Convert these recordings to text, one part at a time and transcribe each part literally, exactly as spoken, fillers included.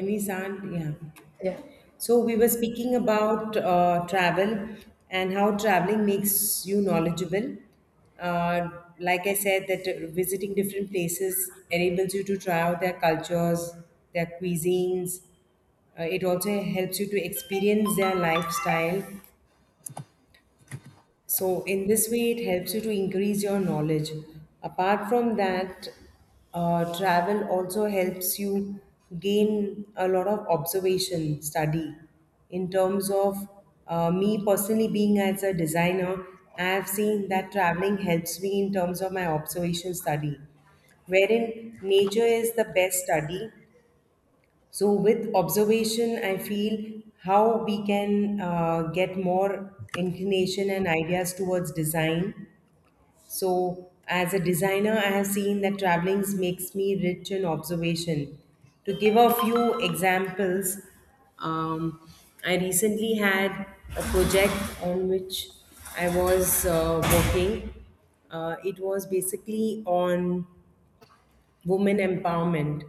Any sand, yeah. Yeah, So we were speaking about uh, travel and how traveling makes you knowledgeable. Uh, like I said, that uh, visiting different places enables you to try out their cultures, their cuisines. Uh, it also helps you to experience their lifestyle, so in this way, it helps you to increase your knowledge. Apart from that, uh, travel also helps you gain a lot of observation study. In terms of uh, me personally being as a designer, I have seen that traveling helps me in terms of my observation study, wherein nature is the best study. So, with observation, I feel how we can uh, get more inclination and ideas towards design. So, as a designer, I have seen that traveling makes me rich in observation. To give a few examples, um, I recently had a project on which I was uh, working. Uh, it was basically on women empowerment.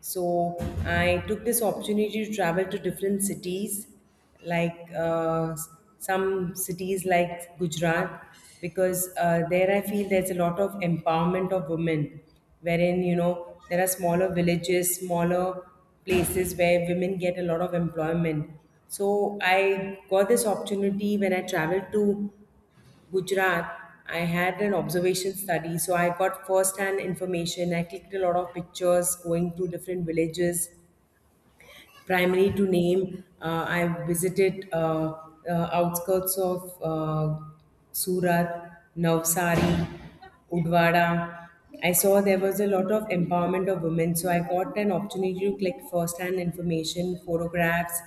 So I took this opportunity to travel to different cities, like uh, s- some cities like Gujarat, because uh, there I feel there's a lot of empowerment of women, wherein you know there are smaller villages, smaller places where women get a lot of employment. So I got this opportunity. When I traveled to Gujarat, I had an observation study, so I got first-hand information. I clicked a lot of pictures going to different villages, primary to name, uh, I visited uh, uh, outskirts of uh, Surat, Navsari, Udwara. I saw there was a lot of empowerment of women, so I got an opportunity to collect first-hand information, photographs.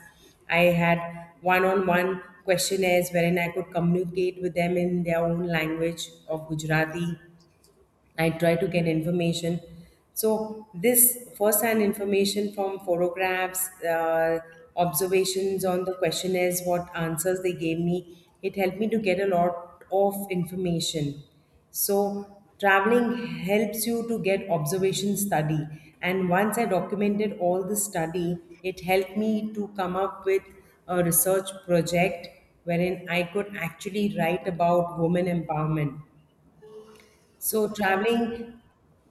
I had one-on-one questionnaires wherein I could communicate with them in their own language of Gujarati. I try to get information. So this first-hand information from photographs, uh, observations on the questionnaires, what answers they gave me, it helped me to get a lot of information. So traveling helps you to get observation study. And once I documented all the study, it helped me to come up with a research project wherein I could actually write about women empowerment. So traveling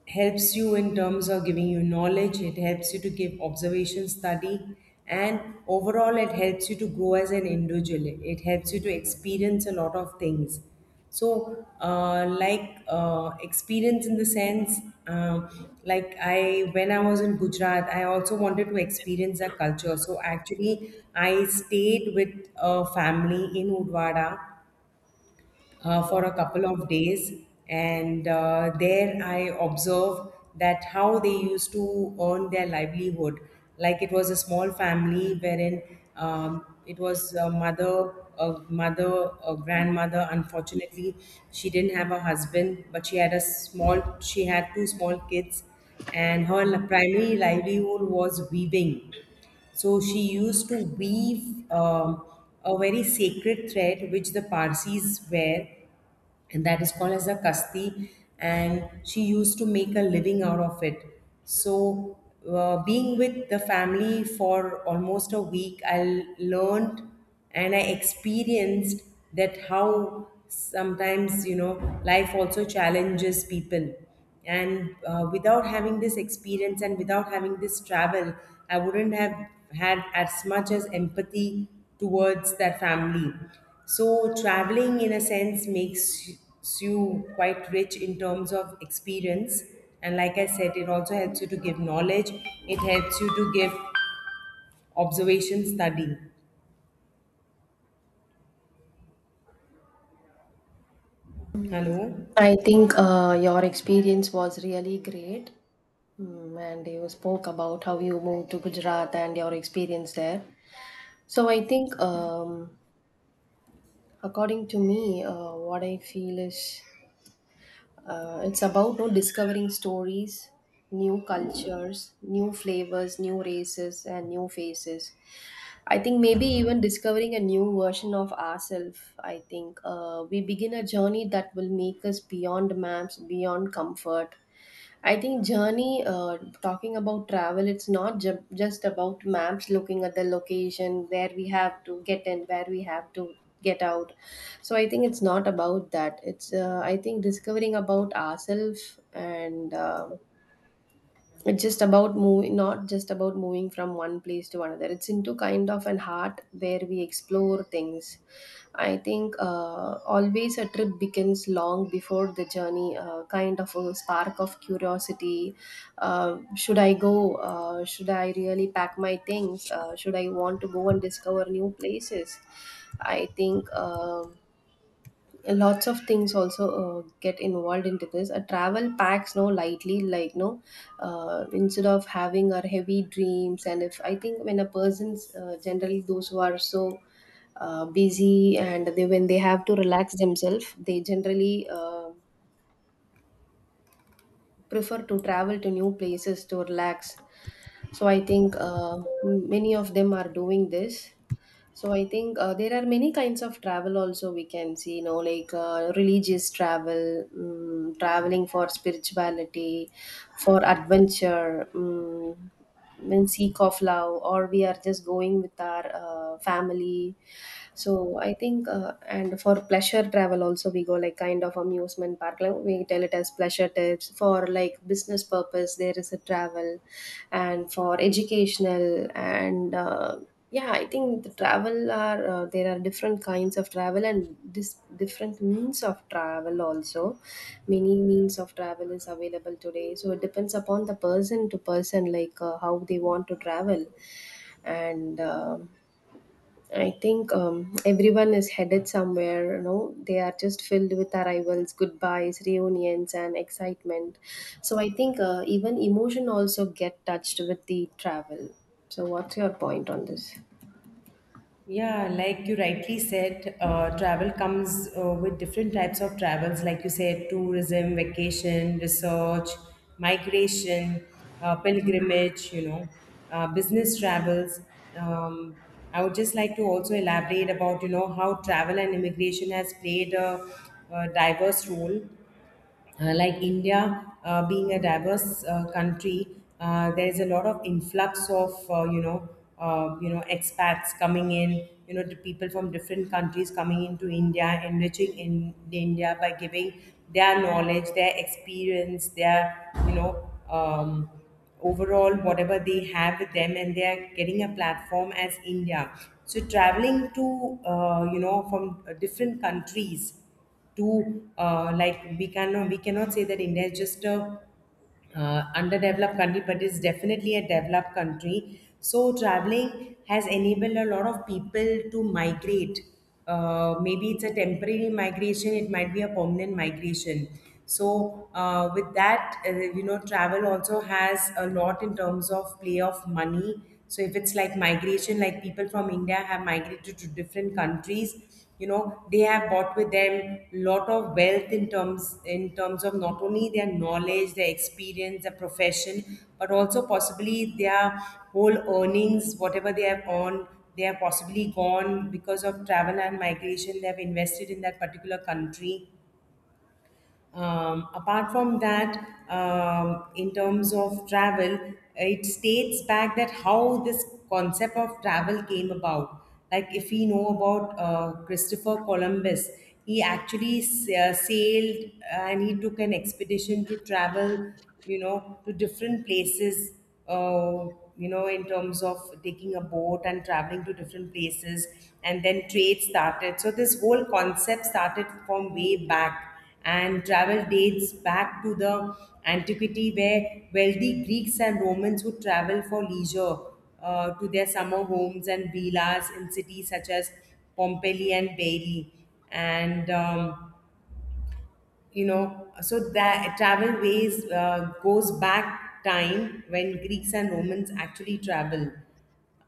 helps you in terms of giving you knowledge, it helps you to give observation study, and overall, it helps you to grow as an individual. It it helps you to experience a lot of things. So, uh, like uh, experience in the sense, uh, like I when I was in Gujarat, I also wanted to experience their culture. So actually, I stayed with a family in Udwara uh, for a couple of days. And uh, there I observed that how they used to earn their livelihood. Like it was a small family wherein um, it was a mother, a mother, a grandmother. Unfortunately, she didn't have a husband, but she had a small, she had two small kids, and her li- primary livelihood was weaving. So she used to weave um, a very sacred thread which the Parsis wear, and that is called as a kasti. And she used to make a living out of it. So, uh, being with the family for almost a week, I learned and I experienced that how sometimes you know life also challenges people. And uh, without having this experience and without having this travel, I wouldn't have had as much as empathy towards that family. So traveling in a sense makes y- you quite rich in terms of experience. And like I said, it also helps you to give knowledge, it helps you to give observation study. Hello. I think uh, your experience was really great. Mm, and you spoke about how you moved to Gujarat and your experience there. So I think, um, according to me, uh, what I feel is uh, it's about no discovering stories, new cultures, new flavors, new races, and new faces. I think maybe even discovering a new version of ourselves. I think uh, we begin a journey that will make us beyond maps, beyond comfort. I think journey, uh, talking about travel, it's not ju- just about maps, looking at the location where we have to get in, where we have to get out. So I think it's not about that. It's uh, I think discovering about ourselves, and um it's just about moving, not just about moving from one place to another. It's into kind of an heart where we explore things. I think uh, always a trip begins long before the journey, uh, kind of a spark of curiosity. Uh, should I go? Uh, should I really pack my things? Uh, should I want to go and discover new places? I think, um lots of things also uh, get involved into this a travel packs no lightly, like no, uh, instead of having our heavy dreams. And if I think, when a person's uh, generally those who are so uh, busy and they, when they have to relax themselves, they generally uh, prefer to travel to new places to relax. So I think uh, many of them are doing this. So I think uh, there are many kinds of travel also we can see, you know, like uh, religious travel, um, traveling for spirituality, for adventure, um, in seek of love, or we are just going with our uh, family. So I think, uh, and for pleasure travel also we go like kind of amusement park. Like we tell it as pleasure trips. For like business purpose, there is a travel, and for educational and. Uh, yeah, I think the travel are, uh, there are different kinds of travel, and this different means of travel also, many means of travel is available today, so it depends upon the person to person, like uh, how they want to travel. And um I think, um, everyone is headed somewhere, you know, they are just filled with arrivals, goodbyes, reunions, and excitement. So I think uh, even emotion also get touched with the travel. So what's your point on this? Yeah, like you rightly said, uh, travel comes uh, with different types of travels, like you said, tourism, vacation, research, migration, uh, pilgrimage, you know, uh, business travels. Um, I would just like to also elaborate about, you know, how travel and immigration has played a, a diverse role. Uh, like India uh, being a diverse uh, country, uh, there is a lot of influx of uh, you know uh, you know expats coming in, you know the people from different countries coming into India, enriching in India by giving their knowledge, their experience, their you know um, overall whatever they have with them, and they are getting a platform as India. So traveling to uh, you know from uh, different countries to uh, like we cannot we cannot say that India is just a uh, underdeveloped country, but it's definitely a developed country. So traveling has enabled a lot of people to migrate. Uh, maybe it's a temporary migration, it might be a permanent migration. So uh, with that, uh, you know, travel also has a lot in terms of play of money. So if it's like migration, like people from India have migrated to different countries, you know they have brought with them lot of wealth in terms in terms of not only their knowledge, their experience, their profession, but also possibly their whole earnings, whatever they have earned, they have possibly gone because of travel and migration. They have invested in that particular country. Um, apart from that, um, in terms of travel, it states back that how this concept of travel came about. Like if we know about uh, Christopher Columbus, he actually s- uh, sailed and he took an expedition to travel, you know, to different places, uh, you know, in terms of taking a boat and traveling to different places, and then trade started. So this whole concept started from way back, and travel dates back to the antiquity where wealthy Greeks and Romans would travel for leisure uh, to their summer homes and villas in cities such as Pompeii and Bari. And, um, you know, so that travel ways uh, goes back time when Greeks and Romans actually travel.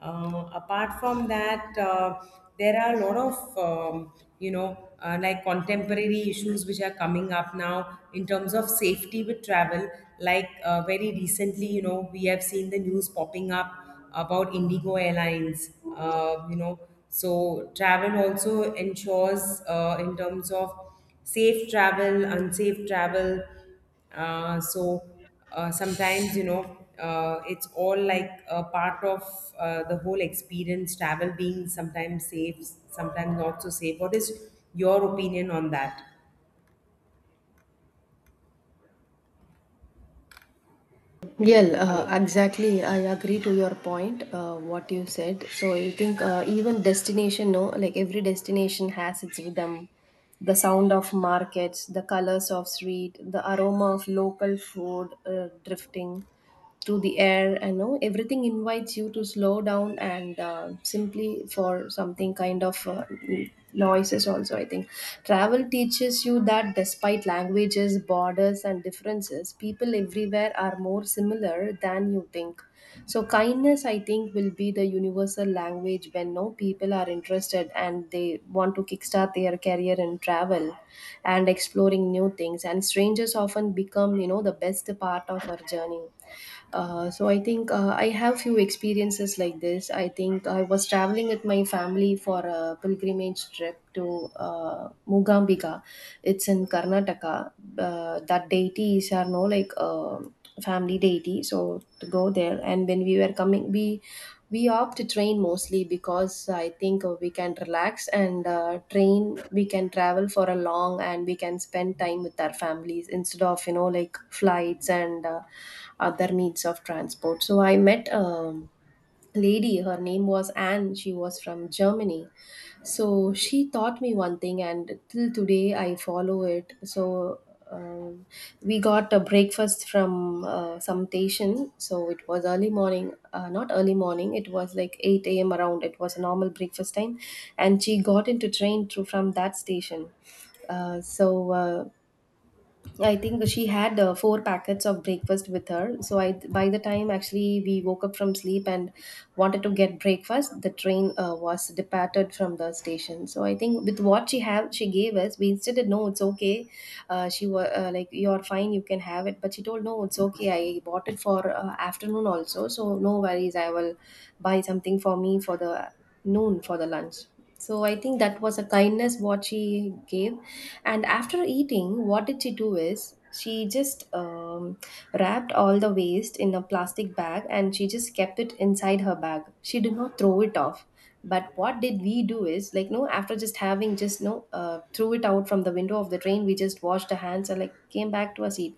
Uh, apart from that, uh, there are a lot of um, you know uh, like contemporary issues which are coming up now in terms of safety with travel. Like uh, very recently, you know, we have seen the news popping up about Indigo Airlines. Uh, you know, so travel also ensures uh, in terms of safe travel, unsafe travel. uh, so uh, Sometimes you know uh, it's all like a part of uh, the whole experience, travel being sometimes safe, sometimes not so safe. What is your opinion on that? Well, uh, Hello. exactly. I agree to your point, uh, what you said. So I think uh, even destination, no, like every destination has its rhythm, the sound of markets, the colors of street, the aroma of local food uh, drifting through the air. I know everything invites you to slow down and uh, simply for something kind of uh, noises also, I think travel teaches you that despite languages, borders, and differences, people everywhere are more similar than you think. So kindness, I think, will be the universal language when no people are interested and they want to kickstart their career in travel and exploring new things. And strangers often become, you know, the best part of our journey. Uh, so I think uh, I have few experiences like this. I think I was traveling with my family for a pilgrimage trip to uh, Mugambika. It's in Karnataka. Uh, that deities are no like uh, family deity. So to go there, and when we were coming, we we opt to train mostly because I think uh, we can relax and uh, train we can travel for a long and we can spend time with our families instead of, you know, like flights and uh, other means of transport. So I met, um, lady, her name was Anne, she was from Germany. So she taught me one thing, and till today I follow it. So um, we got a breakfast from uh, some station, so it was early morning, uh, not early morning, it was like eight a m around, it was a normal breakfast time. And she got into train to, from that station. Uh, so uh, yeah, I think she had uh, four packets of breakfast with her. So I, by the time actually we woke up from sleep and wanted to get breakfast, the train uh, was departed from the station. So I think with what she have, she gave us. We insisted, no, it's okay. Uh, she was, uh, like, you're fine, you can have it. But she told, no, it's okay. I bought it for uh, afternoon also, so no worries. I will buy something for me for the noon for the lunch. So I think that was a kindness what she gave, and after eating, what did she do is she just um, wrapped all the waste in a plastic bag, and she just kept it inside her bag. She did not throw it off, but what did we do is like no, after just having, just no, uh, threw it out from the window of the train. We just washed our hands and, like, came back to our seat.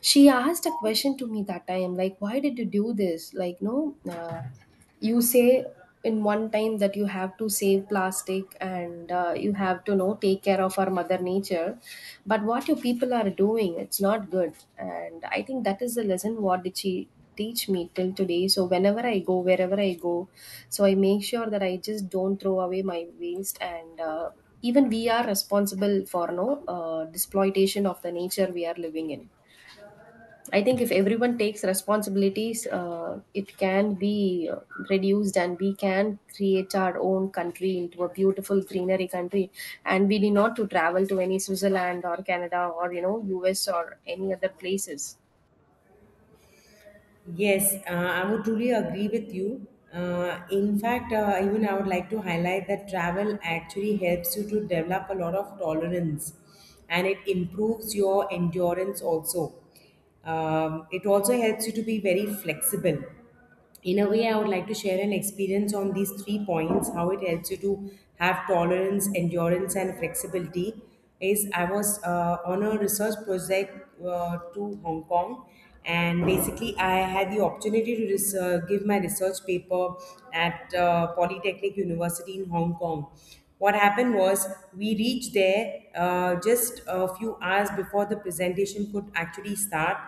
She asked a question to me that time, like, why did you do this, like no, uh, you say in one time that you have to save plastic and uh, you have to know take care of our mother nature. But what your people are doing, it's not good. And I think that is the lesson what did she teach me till today. So whenever I go, wherever I go, so I make sure that I just don't throw away my waste. And uh, even we are responsible for no uh, exploitation of the nature we are living in. I think if everyone takes responsibilities, uh, it can be uh, reduced, and we can create our own country into a beautiful greenery country. And we need not to travel to any Switzerland or Canada or, you know, U S or any other places. Yes, uh, I would truly agree with you. Uh, in fact, uh, even I would like to highlight that travel actually helps you to develop a lot of tolerance, and it improves your endurance also. Um, it also helps you to be very flexible. In a way, I would like to share an experience on these three points how it helps you to have tolerance, endurance and flexibility. Is, I was uh, on a research project uh, to Hong Kong, and basically I had the opportunity to res- uh, give my research paper at uh, Polytechnic University in Hong Kong. What happened was, we reached there uh, just a few hours before the presentation could actually start.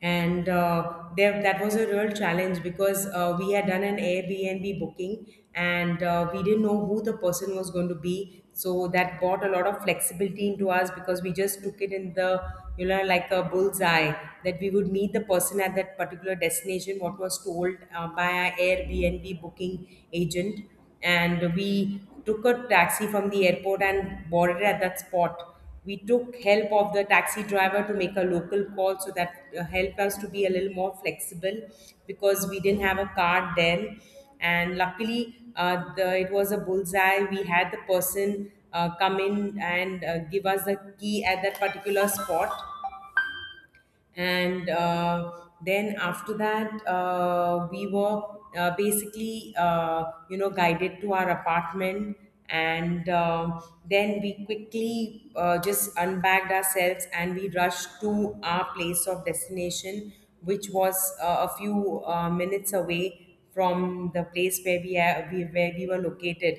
And uh, there that was a real challenge because uh, we had done an Airbnb booking, and uh, we didn't know who the person was going to be. So that brought a lot of flexibility into us, because we just took it in the, you know like a bullseye, that we would meet the person at that particular destination. What was told uh, by our Airbnb booking agent, and we took a taxi from the airport and boarded at that spot. We took help of the taxi driver to make a local call, so that uh, helped us to be a little more flexible, because we didn't have a car then. And luckily, uh, the, it was a bullseye, we had the person uh, come in and uh, give us the key at that particular spot. And uh, then after that, uh, we were uh, basically, uh, you know guided to our apartment. And um then we quickly uh, just unbagged ourselves and we rushed to our place of destination, which was uh, a few uh, minutes away from the place where we, ha- we where we were located.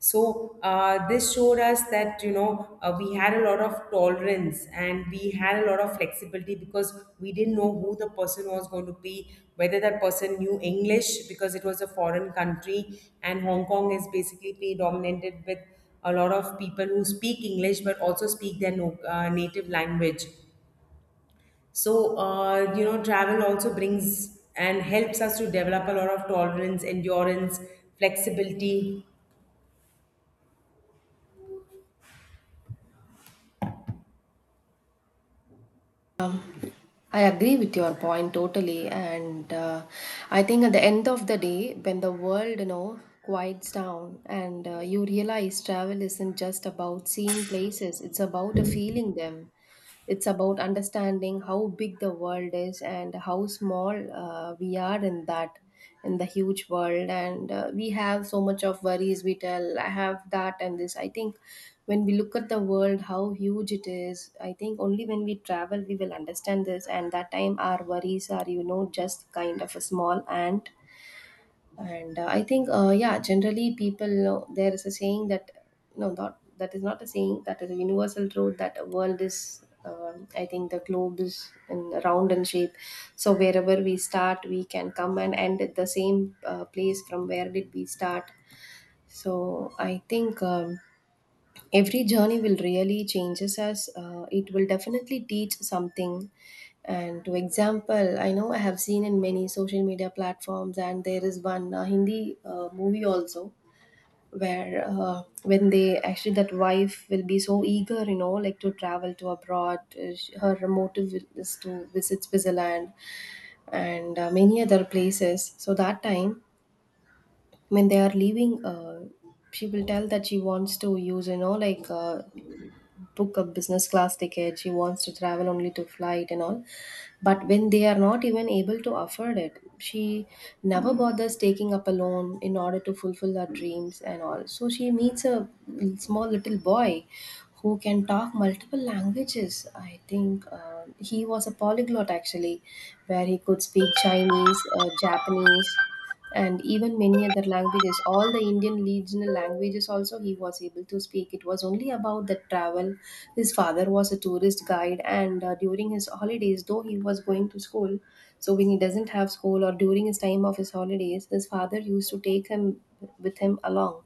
So uh, this showed us that you know uh, we had a lot of tolerance and we had a lot of flexibility, because we didn't know who the person was going to be, whether that person knew English, because it was a foreign country and Hong Kong is basically predominated with a lot of people who speak English but also speak their no, uh, native language. So, uh, you know, travel also brings and helps us to develop a lot of tolerance, endurance, flexibility. I agree with your point totally, and uh, I think at the end of the day, when the world, you know, quiets down, and uh, you realize travel isn't just about seeing places; it's about a feeling them. It's about understanding how big the world is and how small uh, we are in that, in the huge world, and uh, we have so much of worries. We tell I have that and this. I think when we look at the world how huge it is, I think only when we travel we will understand this, and that time our worries are, you know, just kind of a small ant. And uh, I think uh, yeah, generally people know there is a saying that, no, not that, is not a saying, that is a universal truth that the world is, um, I think the globe is in round in shape. So wherever we start, we can come and end at the same uh, place from where did we start. So I think, um, every journey will really changes us, uh, it will definitely teach something. And to example, I know, I have seen in many social media platforms, and there is one uh, Hindi uh, movie also, where uh, when they actually, that wife will be so eager, you know, like to travel to abroad, uh, sh- her motive is to visit Switzerland and uh, many other places. So that time when they are leaving, uh, she will tell that she wants to use, you know, like, uh, book a business class ticket. She wants to travel only to flight and all. But when they are not even able to afford it, she never bothers taking up a loan in order to fulfill her dreams and all. So she meets a small little boy who can talk multiple languages. I think uh, he was a polyglot actually, where he could speak Chinese, uh, Japanese, and even many other languages. All the Indian regional languages also he was able to speak. It was only about the travel. His father was a tourist guide, and uh, during his holidays though he was going to school. So when he doesn't have school or during his time of his holidays, his father used to take him with him along.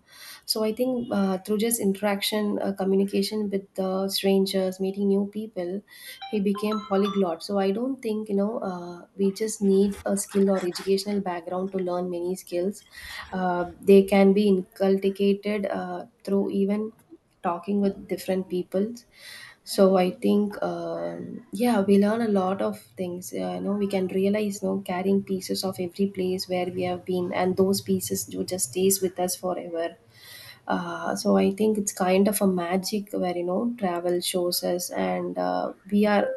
So I think uh, through just interaction, uh, communication with the strangers, meeting new people, he became polyglot. So I don't think, you know, uh, we just need a skill or educational background to learn many skills. Uh, they can be inculcated uh, through even talking with different people. So I think, um, yeah, we learn a lot of things. Uh, you know, we can realize, you know, carrying pieces of every place where we have been, and those pieces do just stays with us forever. Uh, so I think it's kind of a magic where you know travel shows us, and uh, we are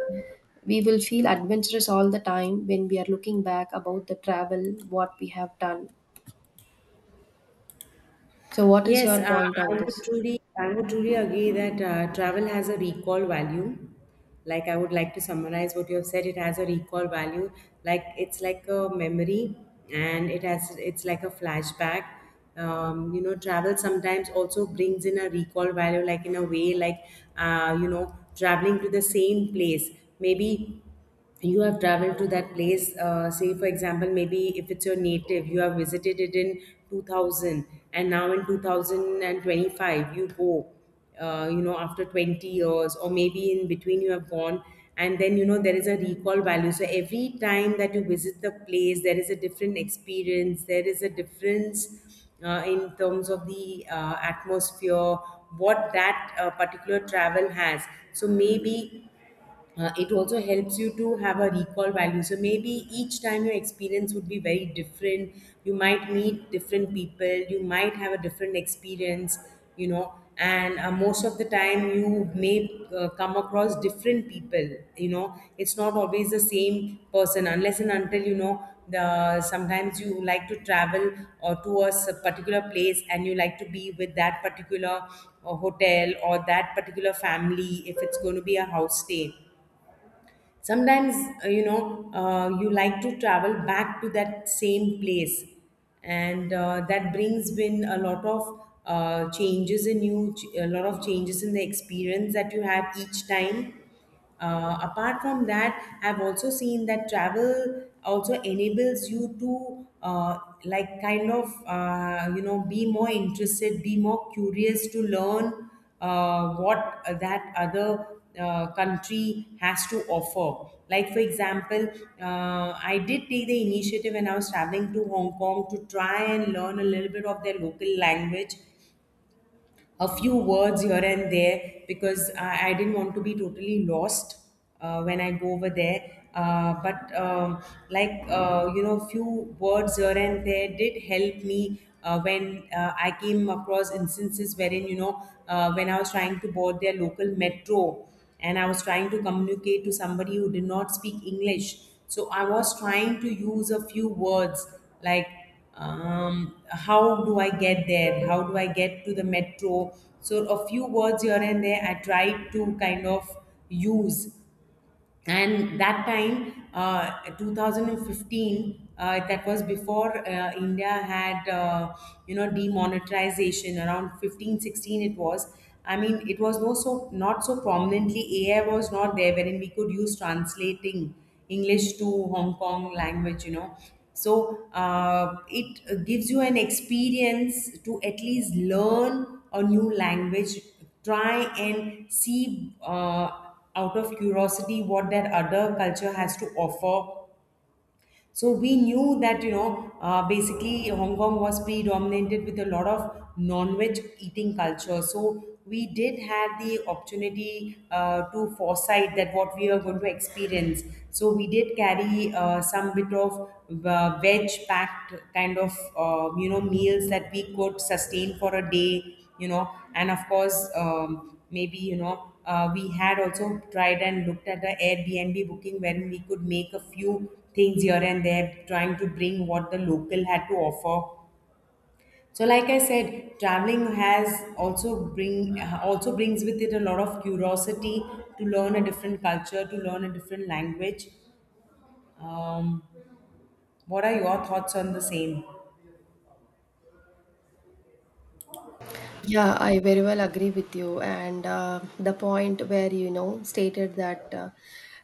we will feel adventurous all the time when we are looking back about the travel what we have done. So what is Yes, your uh, point I on would this? truly, I would truly agree that uh, travel has a recall value. Like I would like to summarize what you have said. It has a recall value. Like it's like a memory, and it has, it's like a flashback. Um, you know, travel sometimes also brings in a recall value, like in a way, like uh, you know, traveling to the same place, maybe you have traveled to that place, uh, say for example, maybe if it's your native, you have visited it in two thousand and now in two thousand twenty-five you go, uh, you know after twenty years, or maybe in between you have gone. And then you know there is a recall value, so every time that you visit the place there is a different experience, there is a difference uh, in terms of the uh, atmosphere what that uh, particular travel has. So maybe uh, it also helps you to have a recall value, so maybe each time your experience would be very different. You might meet different people, you might have a different experience, you know. And uh, most of the time you may uh, come across different people, you know, it's not always the same person unless and until, you know, the, sometimes you like to travel or to a s- particular place, and you like to be with that particular uh, hotel or that particular family if it's going to be a house stay. Sometimes uh, you know uh, you like to travel back to that same place, and uh, that brings in a lot of uh, changes in you, ch- a lot of changes in the experience that you have each time. Uh, apart from that, I've also seen that travel also enables you to, uh, like, kind of, uh, you know be more interested, be more curious to learn uh, what that other uh, country has to offer. Like, for example, uh, I did take the initiative when I was traveling to Hong Kong to try and learn a little bit of their local language, a few words here and there, because I, I didn't want to be totally lost uh, when I go over there. Uh, but um, like, uh, you know, few words here and there did help me uh, when uh, I came across instances wherein, you know, uh, when I was trying to board their local metro and I was trying to communicate to somebody who did not speak English. So I was trying to use a few words like, um, how do I get there? How do I get to the metro? So a few words here and there, I tried to kind of use. And that time, uh, twenty fifteen, uh, that was before uh, India had, uh, you know demonetization around fifteen, sixteen, it was. I mean it was no, so not so prominently, AI was not there wherein we could use translating English to Hong Kong language, you know. So uh, it gives you an experience to at least learn a new language, try and see, uh, out of curiosity, what that other culture has to offer. So we knew that, you know, uh, basically Hong Kong was predominated with a lot of non-veg eating culture. So we did have the opportunity uh, to foresight that what we are going to experience. So we did carry uh, some bit of uh, veg-packed kind of, uh, you know, meals that we could sustain for a day, you know. And of course, um, maybe, you know, uh, we had also tried and looked at the Airbnb booking, when we could make a few things here and there, trying to bring what the local had to offer. So, like I said, traveling has also bring also brings with it a lot of curiosity to learn a different culture, to learn a different language. Um, what are your thoughts on the same? Yeah, I very well agree with you. And uh, the point where you know stated that uh,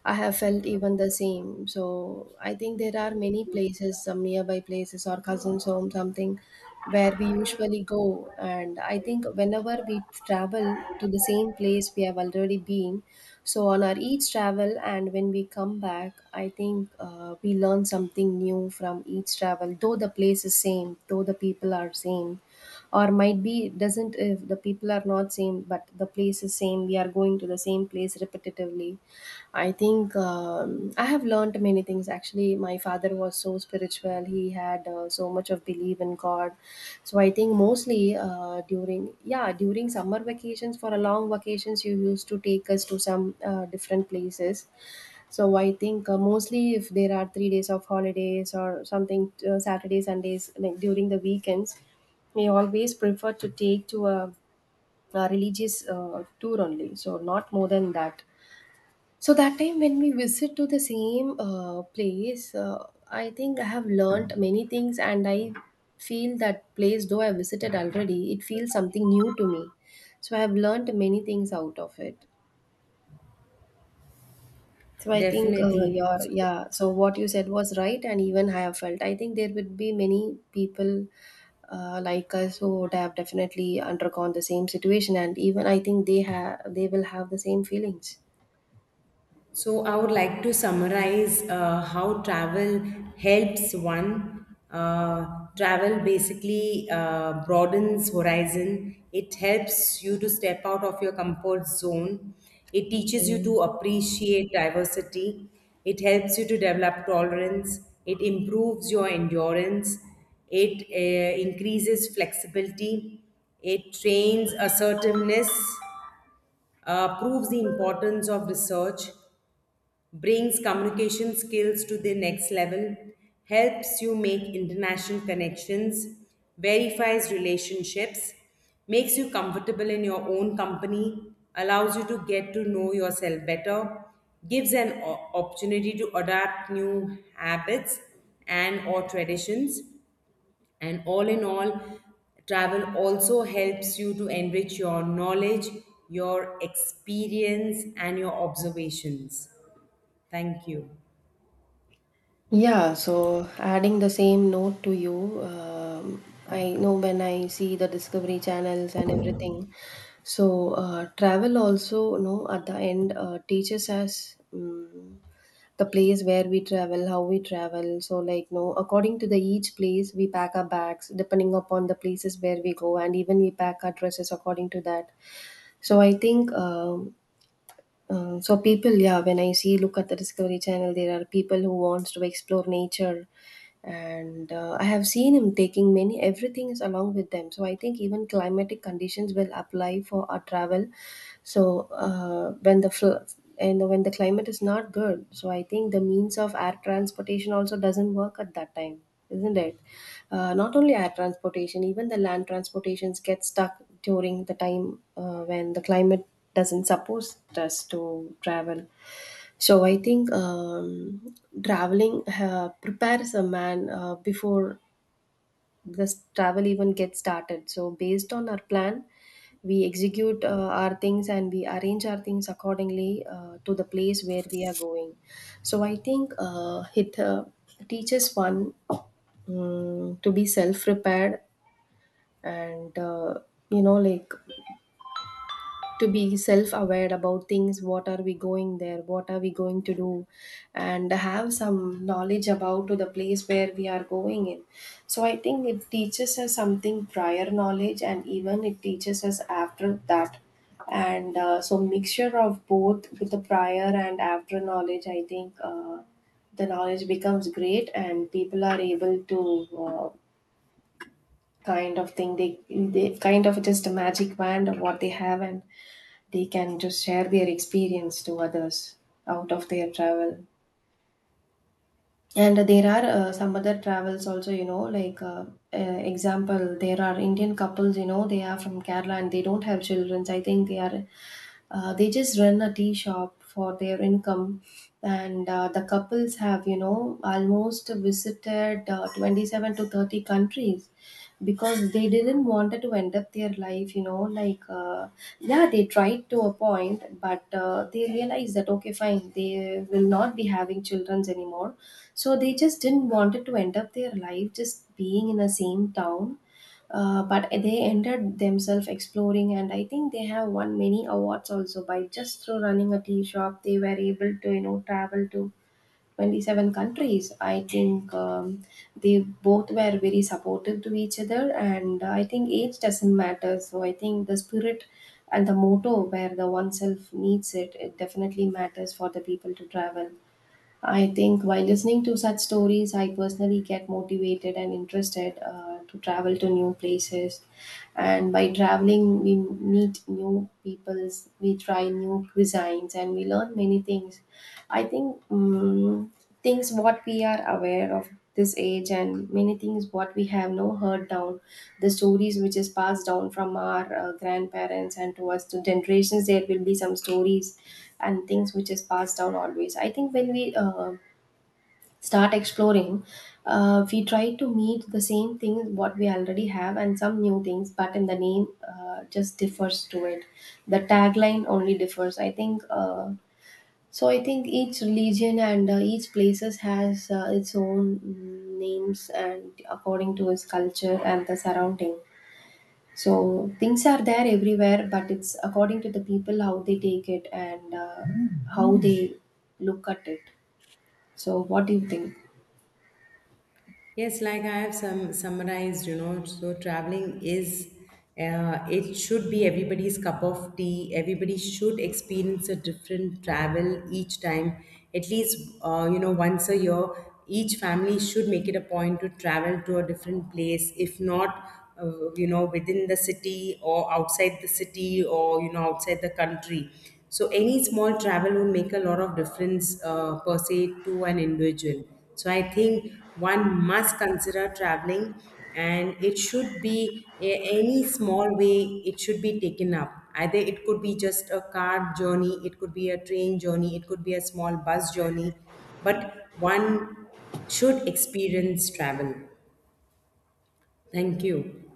I have felt even the same. So I think there are many places, some nearby places or cousins' home, something where we usually go. And I think whenever we travel to the same place we have already been, so on our each travel and when we come back, I think uh, we learn something new from each travel, though the place is same, though the people are same or might be doesn't if the people are not same but the place is same, we are going to the same place repetitively. I think um, I have learned many things. Actually, my father was so spiritual. He had uh, so much of belief in God. So I think mostly uh, during yeah during summer vacations for a long vacations you used to take us to some uh, different places. So I think uh, mostly if there are three days of holidays or something, uh, Saturday Sundays like during the weekends we always prefer to take to a, a religious uh, tour only, so not more than that. So that time when we visit to the same uh, place, uh, I think I have learnt many things, and I feel that place though I visited already, it feels something new to me. So I have learnt many things out of it. So I think uh, Definitely. your So, yeah. So what you said was right, and even I have felt. I think there would be many people uh, like us who would have definitely undergone the same situation, and even I think they have they will have the same feelings. so, I would like to summarize uh, how travel helps one. Uh, travel basically uh, broadens horizon. It helps you to step out of your comfort zone. It teaches you to appreciate diversity. It helps you to develop tolerance. It improves your endurance. It uh, increases flexibility. It trains assertiveness, uh, proves the importance of research, brings communication skills to the next level, helps you make international connections, verifies relationships, makes you comfortable in your own company, allows you to get to know yourself better, gives an o- opportunity to adapt new habits and or traditions, and all in all, travel also helps you to enrich your knowledge, your experience, and your observations. Thank you. Yeah. So adding the same note to you, um, I know when I see the Discovery channels and everything. So uh, travel also, no, at the end, uh, teaches us. mm the place where we travel, how we travel. So, like, no, according to the each place, we pack our bags depending upon the places where we go, and even we pack our dresses according to that. So, I think um uh, so people, yeah, when I see look at the Discovery Channel, there are people who wants to explore nature, and uh, I have seen him taking many, everything is along with them. So I think even climatic conditions will apply for our travel. So uh, when the fl- and when the climate is not good, so I think the means of air transportation also doesn't work at that time, isn't it? Uh, not only air transportation, even the land transportations get stuck during the time uh, when the climate doesn't suppose us to travel. So I think um, traveling uh, prepares a man uh, before this travel even gets started. So based on our plan, we execute uh, our things and we arrange our things accordingly uh, to the place where we are going. So I think uh, it uh, teaches one, um, to be self prepared, and uh, you know, like, to be self aware about things, what are we going there, what are we going to do, and have some knowledge about to the place where we are going in. So I think it teaches us something prior knowledge, and even it teaches us after that, and uh, so mixture of both with the prior and after knowledge, i think uh, the knowledge becomes great and people are able to uh, kind of think, they, they kind of just a magic wand of what they have, and they can just share their experience to others out of their travel. And there are uh, some other travels also, you know, like uh, uh, example, there are Indian couples, you know, they are from Kerala and they don't have children. So I think they are uh, they just run a tea shop for their income, and uh, the couples have, you know, almost visited uh, twenty-seven to thirty countries because they didn't wanted to end up their life, you know, like uh, yeah, they tried to a point, but uh, they realized that okay fine, they will not be having children anymore, so they just didn't wanted to end up their life just being in the same town, uh, but they ended themselves exploring. And I think they have won many awards also by just through running a tea shop they were able to, you know, travel to twenty-seven countries. I think um, they both were very supportive to each other, and I think age doesn't matter, so I think the spirit and the motto where the oneself needs it, it definitely matters for the people to travel. I think while listening to such stories, I personally get motivated and interested uh, to travel to new places. And by traveling, we meet new peoples, we try new cuisines, and we learn many things. I think um, things what we are aware of this age and many things what we have no heard down, the stories which is passed down from our uh, grandparents and to us to generations, there will be some stories and things which is passed down always. I think when we uh, start exploring, uh, we try to meet the same things what we already have and some new things, but in the name uh, just differs to it. The tagline only differs, I think. Uh, so I think each religion and uh, each places has uh, its own mm, names and according to its culture and the surrounding. So things are there everywhere, but it's according to the people how they take it and uh, how they look at it. So what do you think? Yes, like I have some summarized, you know, so traveling is, uh, it should be everybody's cup of tea. Everybody should experience a different travel each time, at least, uh, you know, once a year. Each family should make it a point to travel to a different place. If not, uh, you know, within the city or outside the city or, you know, outside the country. So any small travel would make a lot of difference, uh, per se, to an individual. So I think one must consider traveling, and it should be, a- any small way, it should be taken up. Either it could be just a car journey, it could be a train journey, it could be a small bus journey, but one should experience travel. Thank you.